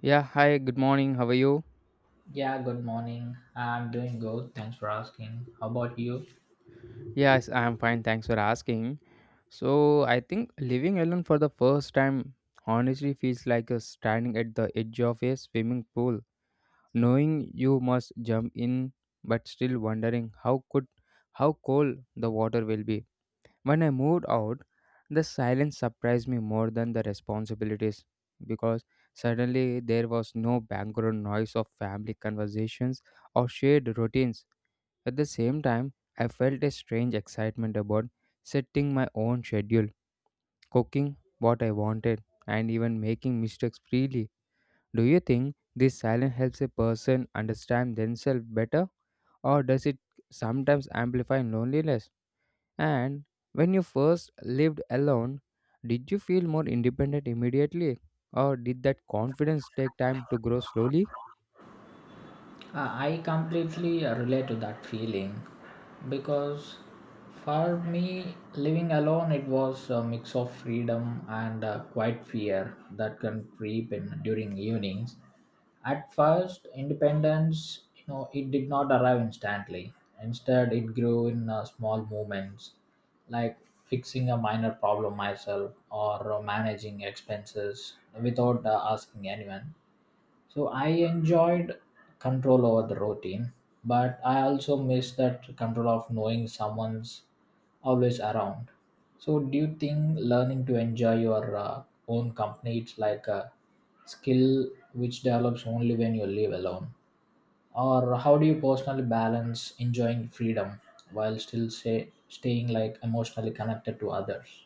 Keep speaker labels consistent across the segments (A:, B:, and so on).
A: Yeah, hi, good morning. How are you?
B: Yeah, good morning. I'm doing good. Thanks for asking. How about you?
A: Yes, I'm fine. Thanks for asking. So, I think living alone for the first time honestly feels like standing at the edge of a swimming pool, knowing you must jump in but still wondering how cold the water will be. When I moved out, the silence surprised me more than the responsibilities because suddenly there was no background noise of family conversations or shared routines. At the same time, I felt a strange excitement about setting my own schedule, cooking what I wanted, and even making mistakes freely. Do you think this silence helps a person understand themselves better, or does it sometimes amplify loneliness? And when you first lived alone, did you feel more independent immediately, or did that confidence take time to grow slowly?
B: Uh, I completely relate to that feeling because for me, living alone, it was a mix of freedom and quiet fear that can creep in during evenings. At first, independence, you know, it did not arrive instantly. Instead, it grew in small movements, like fixing a minor problem myself or managing expenses without asking anyone. So I enjoyed control over the routine, but I also miss that control of knowing someone's always around. So do you think learning to enjoy your own company it's like a skill which develops only when you live alone? Or how do you personally balance enjoying freedom while still say staying like emotionally connected to others?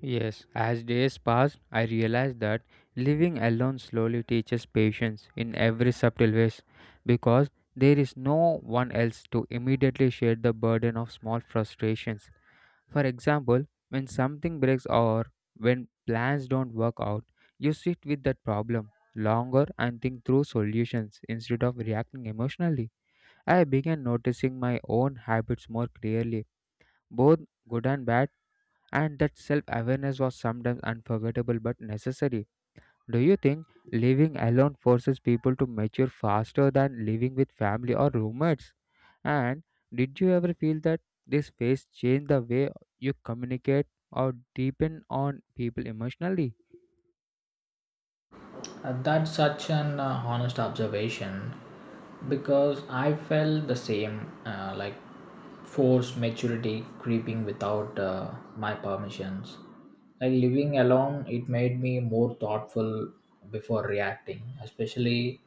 A: Yes, as days passed, I realized that living alone slowly teaches patience in every subtle ways because there is no one else to immediately share the burden of small frustrations. For example, when something breaks or when plans don't work out, you sit with that problem longer and think through solutions instead of reacting emotionally. I began noticing my own habits more clearly, both good and bad, and that self awareness was sometimes unforgettable but necessary. Do you think living alone forces people to mature faster than living with family or roommates? And did you ever feel that this phase changed the way you communicate or deepen on people emotionally?
B: That's such an honest observation because I felt the same like forced maturity creeping without my permissions. Like living alone, it made me more thoughtful before reacting, especially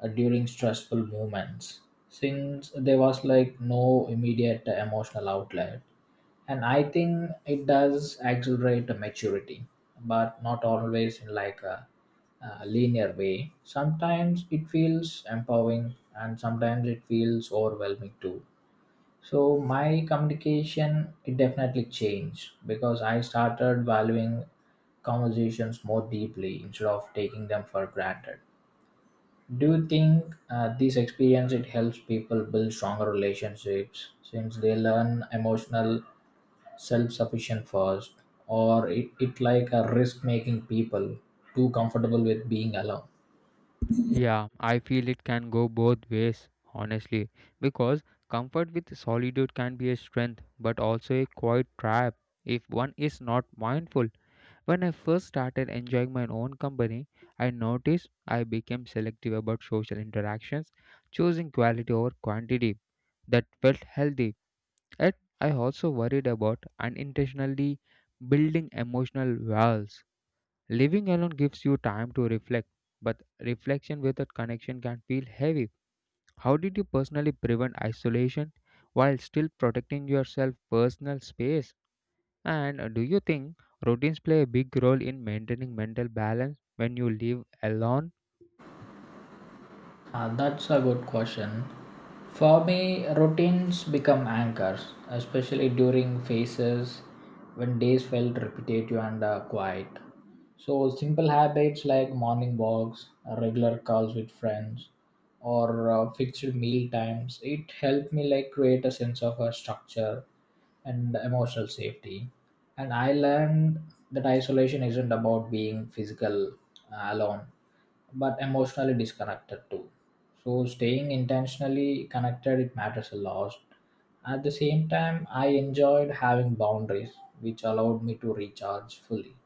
B: during stressful moments, since there was like no immediate emotional outlet, and I think it does accelerate the maturity, but not always in like a linear way. Sometimes it feels empowering and sometimes it feels overwhelming too. So my communication it definitely changed because I started valuing conversations more deeply instead of taking them for granted. Do you think this experience it helps people build stronger relationships since they learn emotional self-sufficient first, or it like a risk making people too comfortable with being alone?
A: Yeah, I feel it can go both ways, honestly, because comfort with solitude can be a strength but also a quiet trap if one is not mindful. When I first started enjoying my own company, I noticed I became selective about social interactions, choosing quality over quantity. That felt healthy. Yet, I also worried about unintentionally building emotional walls. Living alone gives you time to reflect, but reflection without connection can feel heavy. How did you personally prevent isolation while still protecting yourself personal space? And do you think routines play a big role in maintaining mental balance when you live alone?
B: That's a good question. For me, routines become anchors, especially during phases when days felt repetitive and quiet. So, simple habits like morning walks, regular calls with friends, or fixed meal times, it helped me like create a sense of a structure and emotional safety. And I learned that isolation isn't about being physical alone but emotionally disconnected too. So staying intentionally connected it matters a lot. At the same time, I enjoyed having boundaries, which allowed me to recharge fully.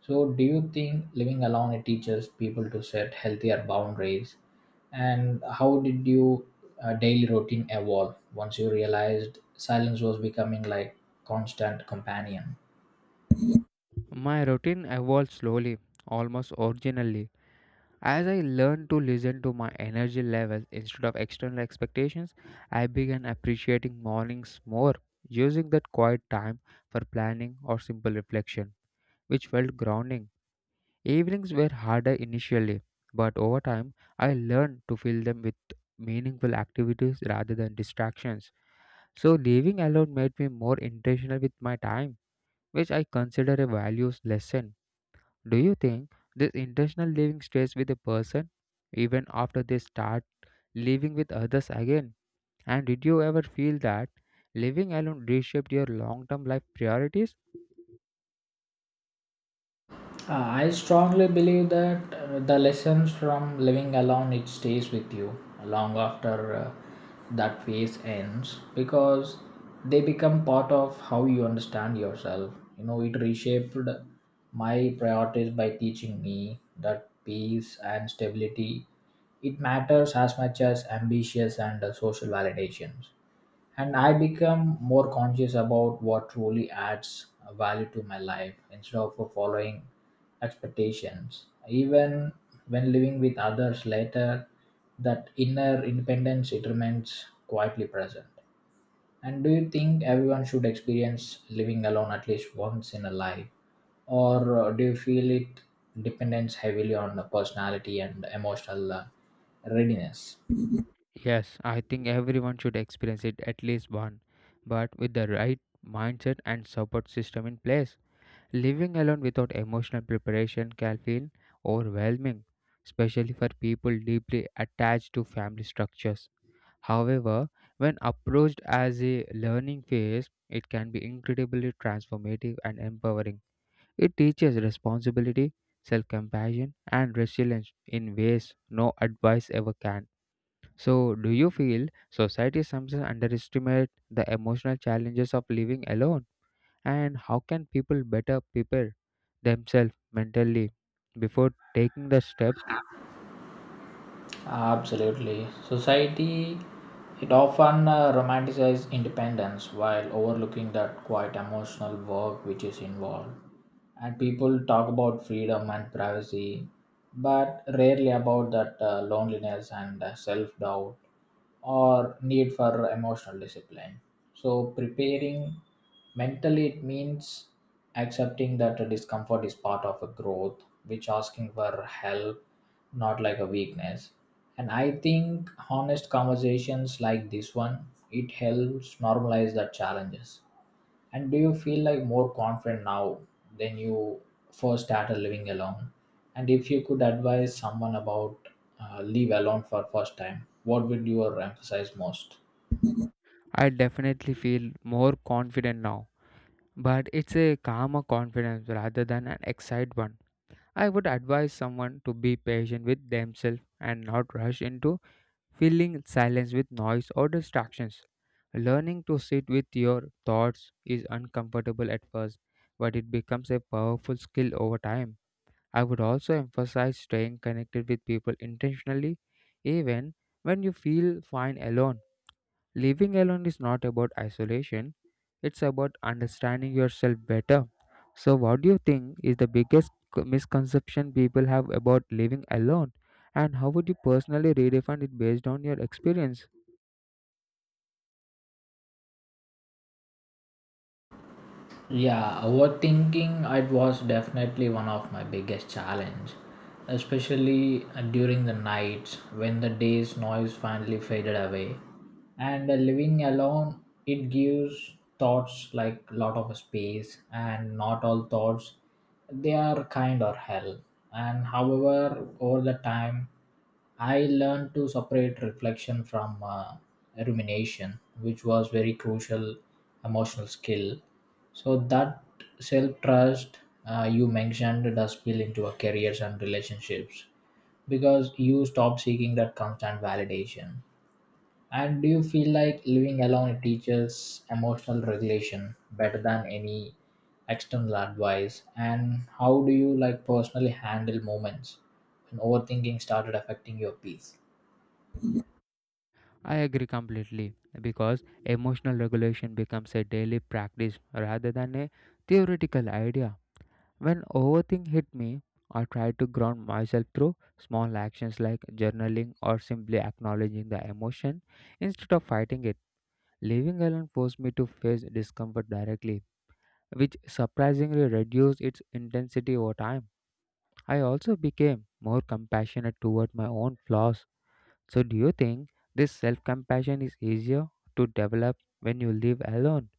B: So, do you think living alone it teaches people to set healthier boundaries? And how did you daily routine evolve once you realized silence was becoming like constant companion?
A: My routine evolved slowly, almost originally. As I learned to listen to my energy levels instead of external expectations, I began appreciating mornings more, using that quiet time for planning or simple reflection, which felt grounding. Evenings were harder initially, but over time, I learned to fill them with meaningful activities rather than distractions. So living alone made me more intentional with my time, which I consider a values lesson. Do you think this intentional living stays with a person even after they start living with others again? And did you ever feel that living alone reshaped your long-term life priorities?
B: Uh, I strongly believe that the lessons from living alone it stays with you long after that phase ends because they become part of how you understand yourself. You know, it reshaped my priorities by teaching me that peace and stability it matters as much as ambitions and social validations, and I become more conscious about what truly adds value to my life instead of following expectations. Even when living with others later, that inner independence it remains quietly present. And do you think everyone should experience living alone at least once in a life, or do you feel it depends heavily on the personality and emotional readiness?
A: Yes, I think everyone should experience it at least one, but with the right mindset and support system in place. Living alone without emotional preparation can feel overwhelming, especially for people deeply attached to family structures. However, when approached as a learning phase, it can be incredibly transformative and empowering. It teaches responsibility, self compassion, and resilience in ways no advice ever can. So, do you feel society sometimes underestimates the emotional challenges of living alone? And how can people better prepare themselves mentally before taking the step?
B: Absolutely. Society it often romanticizes independence while overlooking that quite emotional work which is involved. And people talk about freedom and privacy, but rarely about that loneliness and self doubt or need for emotional discipline. So, preparing mentally, it means accepting that a discomfort is part of a growth, which asking for help, not like a weakness. And I think honest conversations like this one, it helps normalize the challenges. And do you feel like more confident now than you first started living alone? And if you could advise someone about leave alone for first time, what would you emphasize most?
A: I definitely feel more confident now, but it's a calmer confidence rather than an excited one. I would advise someone to be patient with themselves and not rush into filling silence with noise or distractions. Learning to sit with your thoughts is uncomfortable at first, but it becomes a powerful skill over time. I would also emphasize staying connected with people intentionally, even when you feel fine alone. Living alone is not about isolation, it's about understanding yourself better. So, what do you think is the biggest misconception people have about living alone, and how would you personally redefine it based on your experience?
B: Yeah, overthinking it was definitely one of my biggest challenge, especially during the nights when the day's noise finally faded away. And living alone, it gives thoughts like lot of space, and not all thoughts they are kind or hell. And however, over the time, I learned to separate reflection from rumination, which was very crucial emotional skill. So that self trust you mentioned does spill into our careers and relationships because you stop seeking that constant validation. And do you feel like living alone teaches emotional regulation better than any external advice? And how do you like personally handle moments when overthinking started affecting your peace?
A: I agree completely because emotional regulation becomes a daily practice rather than a theoretical idea. When overthink hit me, I tried to ground myself through small actions like journaling or simply acknowledging the emotion instead of fighting it. Living alone forced me to face discomfort directly, which surprisingly reduced its intensity over time. I also became more compassionate toward my own flaws. So, do you think this self compassion is easier to develop when you live alone?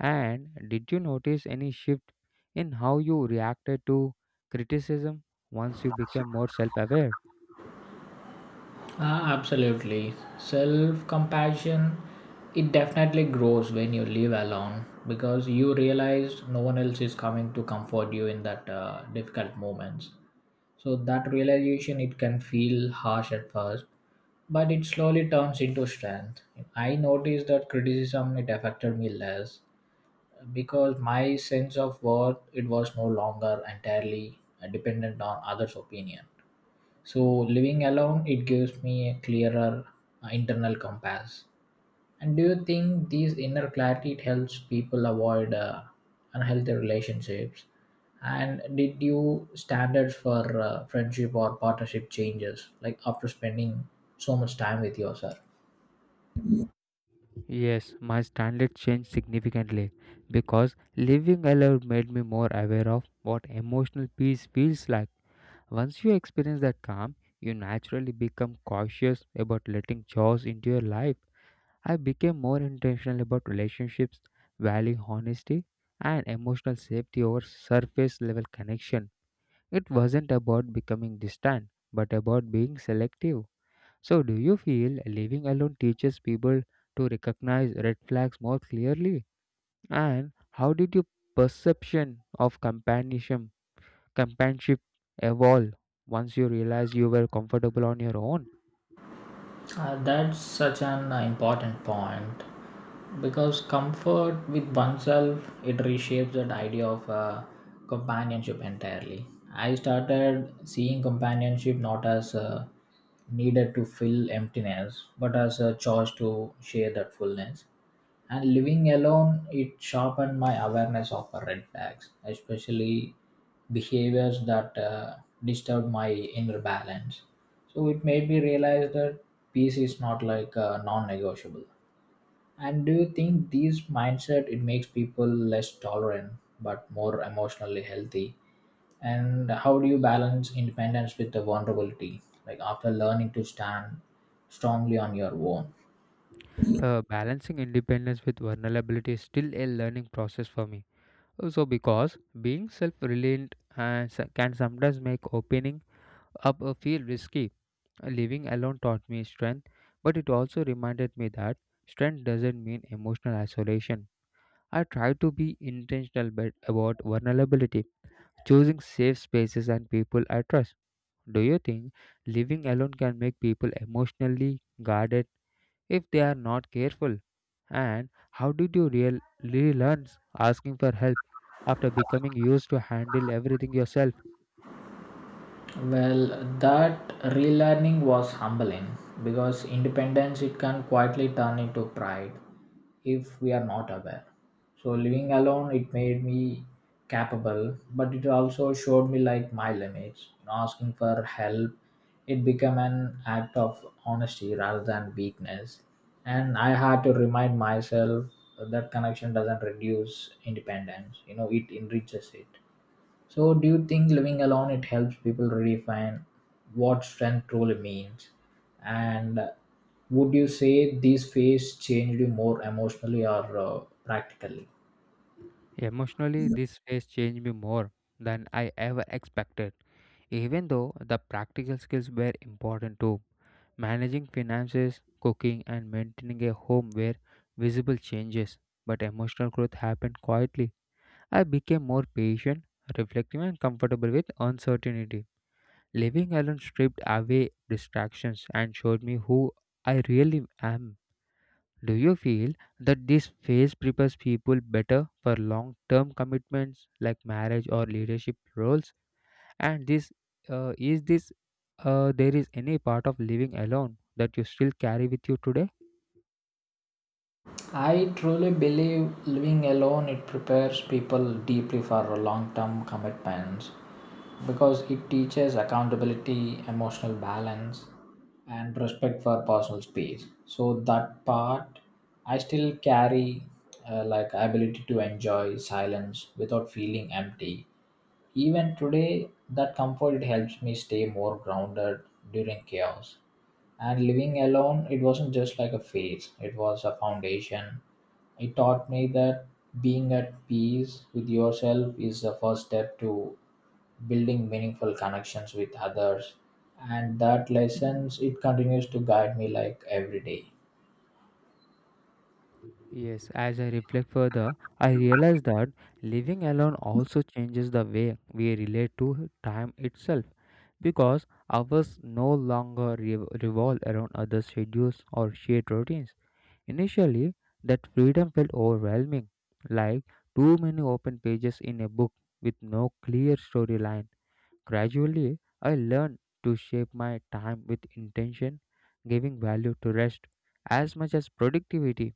A: And did you notice any shift in how you reacted to criticism once you became more self aware?
B: Ah, absolutely. Self compassion, it definitely grows when you live alone because you realize no one else is coming to comfort you in that difficult moments. So that realization it can feel harsh at first, but it slowly turns into strength. I noticed that criticism it affected me less because my sense of worth it was no longer entirely dependent on others' opinion. So living alone it gives me a clearer internal compass. And do you think these inner clarity it helps people avoid unhealthy relationships? And did you standards for friendship or partnership changes like after spending so much time with yourself?
A: Yes, my standard changed significantly because living alone made me more aware of what emotional peace feels like. Once you experience that calm, you naturally become cautious about letting chores into your life. I became more intentional about relationships, value honesty, and emotional safety over surface level connection. It wasn't about becoming distant, but about being selective. So, do you feel living alone teaches people to recognize red flags more clearly? And how did your perception of companionship, companionship evolve once you realized you were comfortable on your own?
B: That's such an important point because comfort with oneself it reshapes that idea of companionship entirely. I started seeing companionship not as needed to fill emptiness but as a choice to share that fullness. And living alone, it sharpened my awareness of the red flags, especially behaviors that disturbed my inner balance. So it made me realize that peace is not like non-negotiable. And do you think this mindset it makes people less tolerant but more emotionally healthy? And how do you balance independence with the vulnerability? Like after learning to stand strongly on your own.
A: Balancing independence with vulnerability is still a learning process for me. So, because being self reliant can sometimes make opening up feel risky. Living alone taught me strength, but it also reminded me that strength doesn't mean emotional isolation. I try to be intentional but about vulnerability, choosing safe spaces and people I trust. Do you think living alone can make people emotionally guarded if they are not careful? And how did you relearn asking for help after becoming used to handle everything yourself?
B: Well, that relearning was humbling because independence it can quietly turn into pride if we are not aware. So living alone it made me capable, but it also showed me like my limits. You know, asking for help, it became an act of honesty rather than weakness. And I had to remind myself that connection doesn't reduce independence. You know, it enriches it. So, do you think living alone it helps people redefine what strength truly means? And would you say these phases changed you more emotionally or practically?
A: Emotionally, this phase changed me more than I ever expected. Even though the practical skills were important too, managing finances, cooking, and maintaining a home were visible changes, but emotional growth happened quietly. I became more patient, reflective, and comfortable with uncertainty. Living alone stripped away distractions and showed me who I really am. Do you feel that this phase prepares people better for long term commitments like marriage or leadership roles? And this is this there is any part of living alone that you still carry with you today?
B: I truly believe living alone it prepares people deeply for long-term commitments because it teaches accountability, emotional balance, and respect for personal space. So that part I still carry, like ability to enjoy silence without feeling empty. Even today, that comfort it helps me stay more grounded during chaos. And living alone, it wasn't just like a phase; it was a foundation. It taught me that being at peace with yourself is the first step to building meaningful connections with others, and that lessons it continues to guide me like every day.
A: Yes, as I reflect further, I realize that living alone also changes the way we relate to time itself because ours no longer revolve around other schedules or shared routines. Initially, that freedom felt overwhelming, like too many open pages in a book with no clear storyline. Gradually, I learned to shape my time with intention, giving value to rest as much as productivity.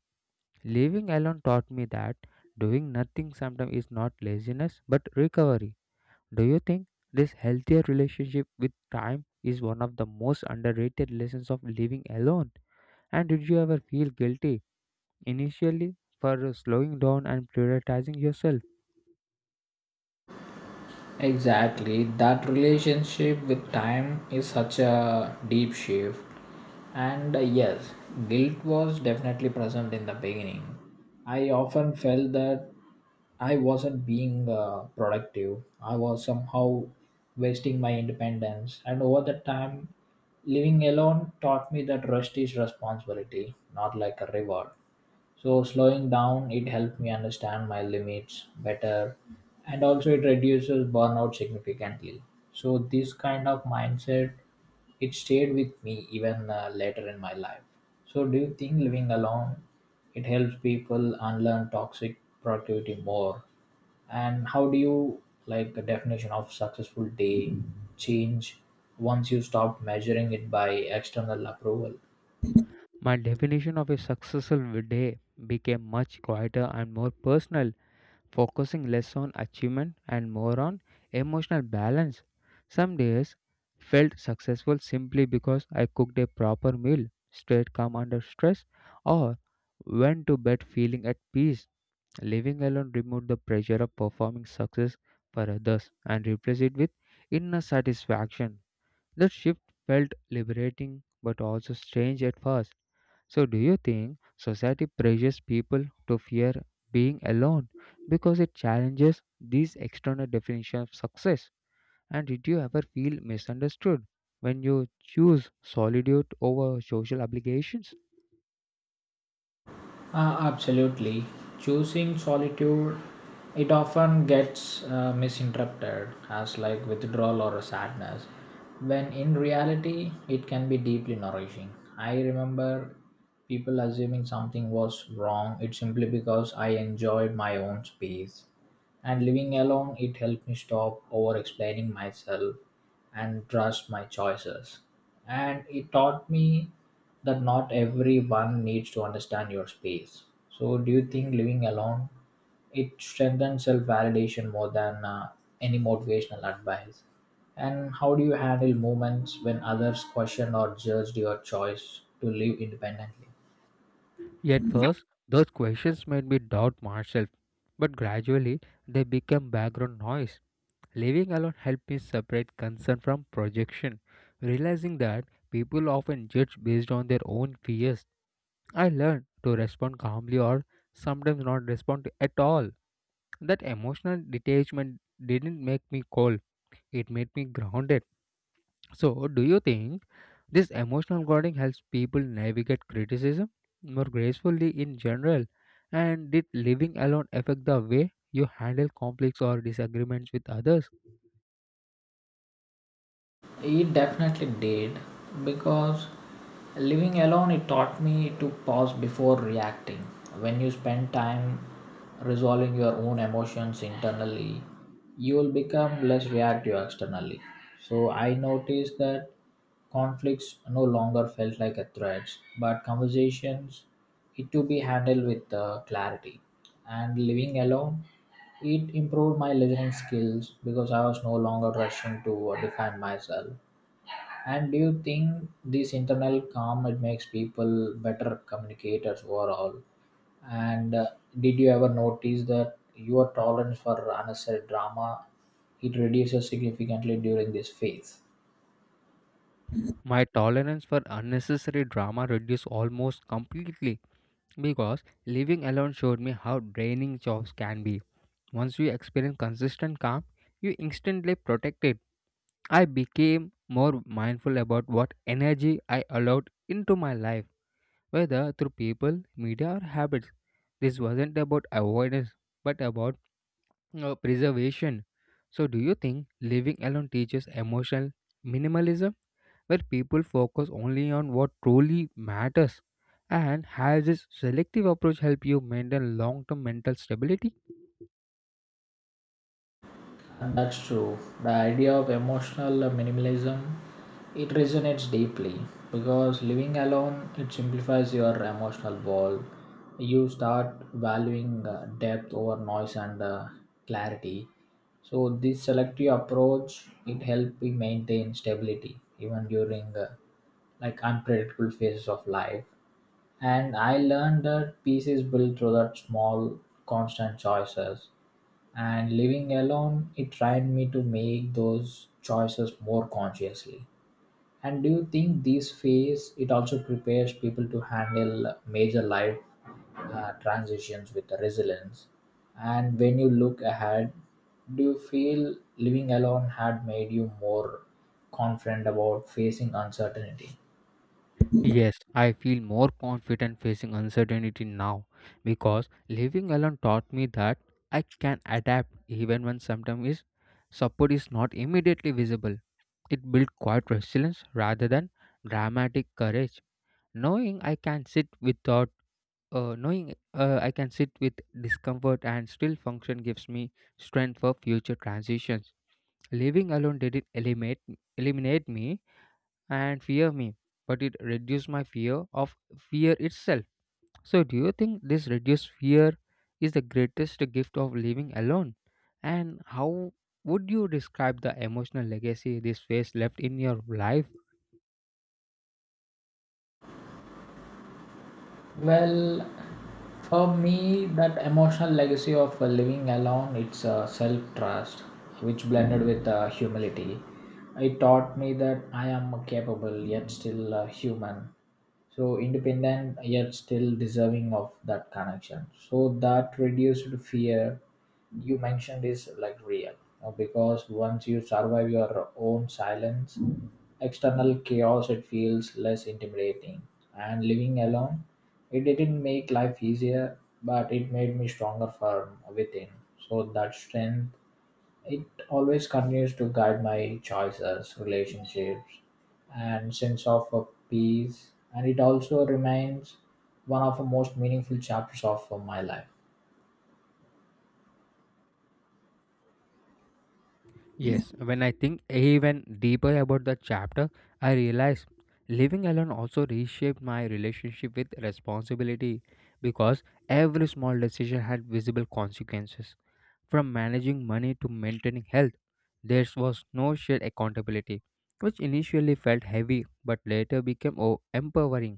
A: Living alone taught me that doing nothing sometimes is not laziness but recovery. Do you think this healthier relationship with time is one of the most underrated lessons of living alone? And did you ever feel guilty initially for slowing down and prioritizing yourself?
B: Exactly. That relationship with time is such a deep shift. And yes, guilt was definitely present in the beginning. I often felt that I wasn't being productive. I was somehow wasting my independence. And over the time, living alone taught me that rest is responsibility, not like a reward. So slowing down, it helped me understand my limits better, and also it reduces burnout significantly. So this kind of mindset, it stayed with me even later in my life. So do you think living alone, it helps people unlearn toxic productivity more? And how do you like the definition of successful day change once you stop measuring it by external approval?
A: My definition of a successful day became much quieter and more personal, focusing less on achievement and more on emotional balance. Some days felt successful simply because I cooked a proper meal, stayed calm under stress, or went to bed feeling at peace. Living alone removed the pressure of performing success for others and replaced it with inner satisfaction. That shift felt liberating but also strange at first. So, do you think society pressures people to fear being alone because it challenges these external definitions of success? And did you ever feel misunderstood when you choose solitude over social obligations?
B: Absolutely. Choosing solitude, it often gets misinterpreted as like withdrawal or a sadness, when in reality, it can be deeply nourishing. I remember people assuming something was wrong, it simply because I enjoyed my own space. And living alone, it helped me stop over explaining myself and trust my choices. And it taught me that not everyone needs to understand your space. So, do you think living alone it strengthens self validation more than any motivational advice? And how do you handle moments when others question or judged your choice to live independently?
A: At first, those questions made me doubt myself, but gradually they became background noise. Living alone helped me separate concern from projection, realizing that people often judge based on their own fears. I learned to respond calmly or sometimes not respond at all. That emotional detachment didn't make me cold, it made me grounded. So, do you think? This emotional guarding helps people navigate criticism more gracefully in general. And did living alone affect the way you handle conflicts or disagreements with others?
B: It definitely did because living alone it taught me to pause before reacting. When you spend time resolving your own emotions internally, you will become less reactive externally. So I noticed that conflicts no longer felt like a threats, but conversations it to be handled with clarity. And living alone, it improved my listening skills because I was no longer rushing to define myself. And do you think this internal calm it makes people better communicators overall? And did you ever notice that your tolerance for unnecessary drama it reduces significantly during this phase?
A: My tolerance for unnecessary drama reduced almost completely because living alone showed me how draining jobs can be. Once you experience consistent calm, you instantly protect it. I became more mindful about what energy I allowed into my life, whether through people, media, or habits. This wasn't about avoidance, but about preservation. So, do you think living alone teaches emotional minimalism, where people focus only on what truly matters? And has this selective approach helped you maintain long term mental stability?
B: And that's true. The idea of emotional minimalism it resonates deeply because living alone it simplifies your emotional world. You start valuing depth over noise and clarity. So this selective approach it helps me maintain stability even during like unpredictable phases of life. And I learned that peace is built through that small, constant choices. And living alone, it trained me to make those choices more consciously. And do you think this phase it also prepares people to handle major life transitions with resilience? And when you look ahead, do you feel living alone had made you more confident about facing uncertainty?
A: Yes, I feel more confident facing uncertainty now because living alone taught me that I can adapt even when support is not immediately visible. It built quiet resilience rather than dramatic courage. Knowing I can sit without Knowing I can sit with discomfort and still function gives me strength for future transitions. Living alone didn't eliminate me and fear me but it reduced my fear of fear itself. So do you think this reduced fear is the greatest gift of living alone, and how would you describe the emotional legacy this phase left in your life?
B: Well, for me, that emotional legacy of living alone, it's self trust, which blended with humility. It taught me that I am capable yet still human. So independent yet still deserving of that connection. So that reduced fear you mentioned is like real, because once you survive your own silence, external chaos it feels less intimidating, and living alone it didn't make life easier, but it made me stronger from within. So that strength, it always continues to guide my choices, relationships, and sense of peace. And it also remains one of the most meaningful chapters of my life.
A: Yes, when I think even deeper about the chapter, I realize living alone also reshaped my relationship with responsibility because every small decision had visible consequences. From managing money to maintaining health, there was no shared accountability, which initially felt heavy but later became empowering.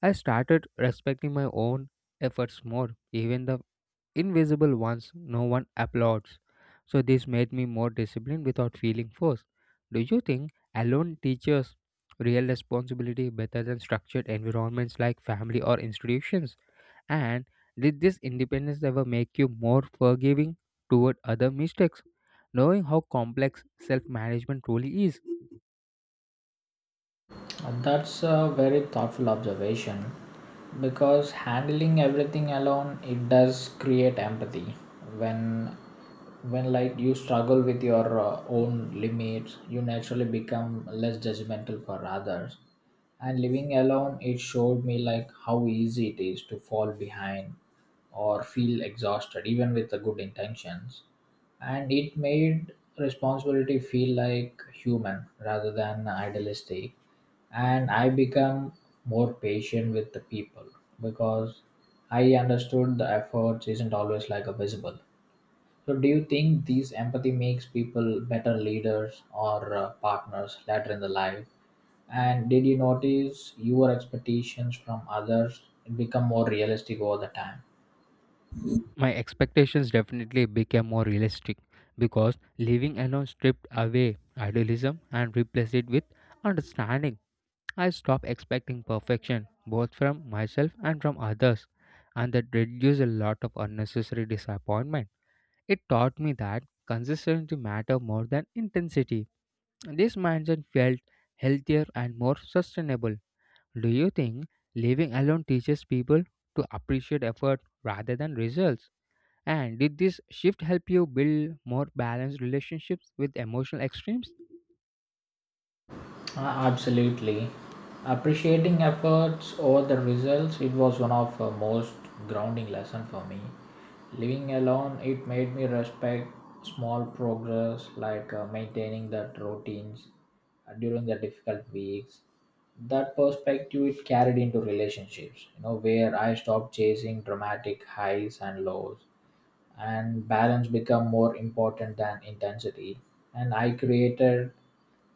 A: I started respecting my own efforts more, even the invisible ones no one applauds. So, this made me more disciplined without feeling forced. Do you think alone teaches real responsibility better than structured environments like family or institutions? And did this independence ever make you more forgiving toward other mistakes, knowing how complex self management truly is?
B: And that's a very thoughtful observation because handling everything alone it does create empathy when like you struggle with your own limits, you naturally become less judgmental for others. And living alone it showed me like how easy it is to fall behind or feel exhausted even with the good intentions, and it made responsibility feel like human rather than idealistic, and I become more patient with the people because I understood the efforts isn't always like a visible. So do you think these empathy makes people better leaders or partners later in the life? And did you notice your expectations from others become more realistic over the time?
A: My expectations definitely became more realistic because living alone stripped away idealism and replaced it with understanding. I stopped expecting perfection both from myself and from others, and that reduced a lot of unnecessary disappointment. It taught me that consistency matter more than intensity. This mindset felt healthier and more sustainable. Do you think living alone teaches people to appreciate effort rather than results? And did this shift help you build more balanced relationships with emotional extremes?
B: Uh, Absolutely. Appreciating efforts over the results, it was one of the most grounding lesson for me. Living alone, it made me respect small progress like maintaining that routines during the difficult weeks. That perspective it carried into relationships, you know, where I stopped chasing dramatic highs and lows, and balance become more important than intensity, and I created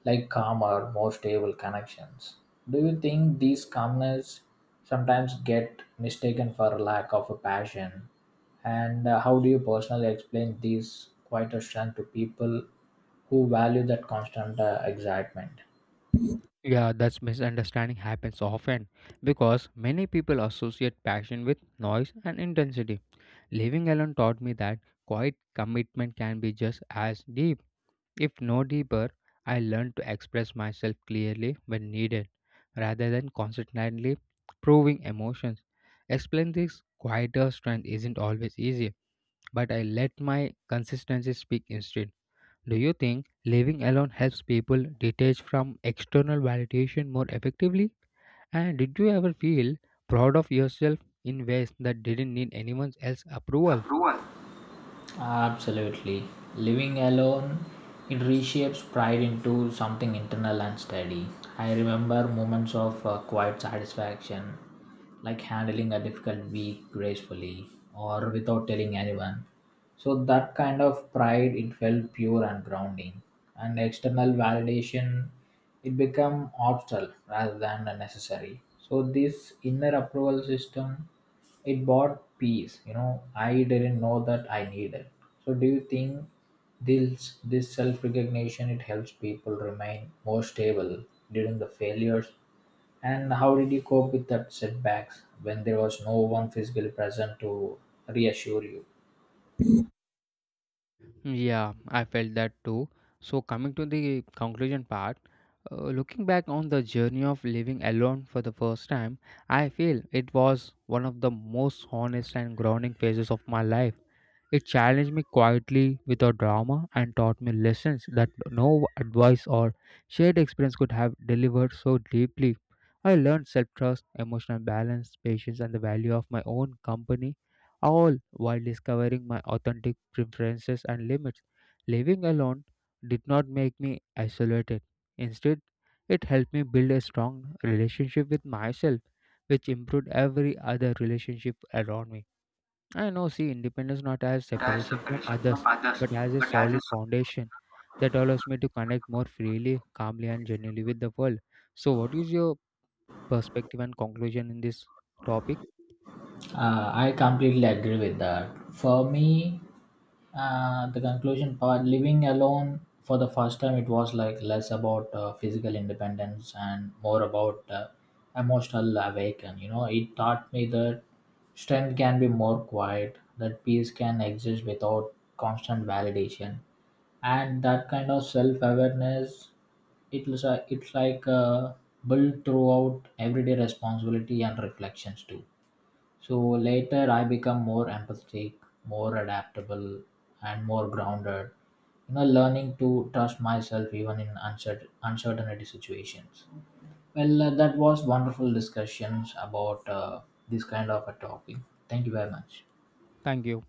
B: like calmer, more stable connections. Do you think these calmness sometimes get mistaken for a lack of a passion? And how do you personally explain these quieter strength to people who value that constant excitement?
A: Yeah, that's misunderstanding happens often because many people associate passion with noise and intensity. Living alone taught me that quiet commitment can be just as deep, if no deeper. I learned to express myself clearly when needed rather than constantly proving emotions. Explain this quieter strength isn't always easy, but I let my consistency speak instead. Do you think living alone helps people detach from external validation more effectively? And did you ever feel proud of yourself in ways that didn't need anyone else's approval?
B: Approval. Absolutely. Living alone, it reshapes pride into something internal and steady. I remember moments of quiet satisfaction, like handling a difficult week gracefully or without telling anyone. So that kind of pride, it felt pure and grounding. And external validation, it became optional rather than necessary. So this inner approval system it bought peace, you know. I didn't know that I needed. So, do you think this self recognition it helps people remain more stable during the failures? And how did you cope with that setbacks when there was no one physically present to reassure you?
A: Yeah, I felt that too. So, coming to the conclusion part, looking back on the journey of living alone for the first time, I feel it was one of the most honest and grounding phases of my life. It challenged me quietly without drama and taught me lessons that no advice or shared experience could have delivered so deeply. I learned self trust, emotional balance, patience, and the value of my own company, all while discovering my authentic preferences and limits. Living alone did not make me isolated. Instead, it helped me build a strong relationship with myself, which improved every other relationship around me. I know, see, independence not as
B: Entire
A: separation from
B: separation from
A: others,
B: others,
A: but as a
B: but as a...
A: solid foundation that allows me to connect more freely, calmly, and genuinely with the world. So, what is your perspective and conclusion in this topic?
B: I completely agree with that. For me, the conclusion part living alone for the first time, it was like less about physical independence and more about emotional awaken. You know, it taught me that strength can be more quiet, that peace can exist without constant validation, and that kind of self awareness it's, a, it's like built throughout everyday responsibility and reflections too. So later I become more empathetic, more adaptable, and more grounded. You know, learning to trust myself even in uncertainty situations. Well, that was wonderful discussions about this kind of a topic. Thank you very much.
A: Thank you.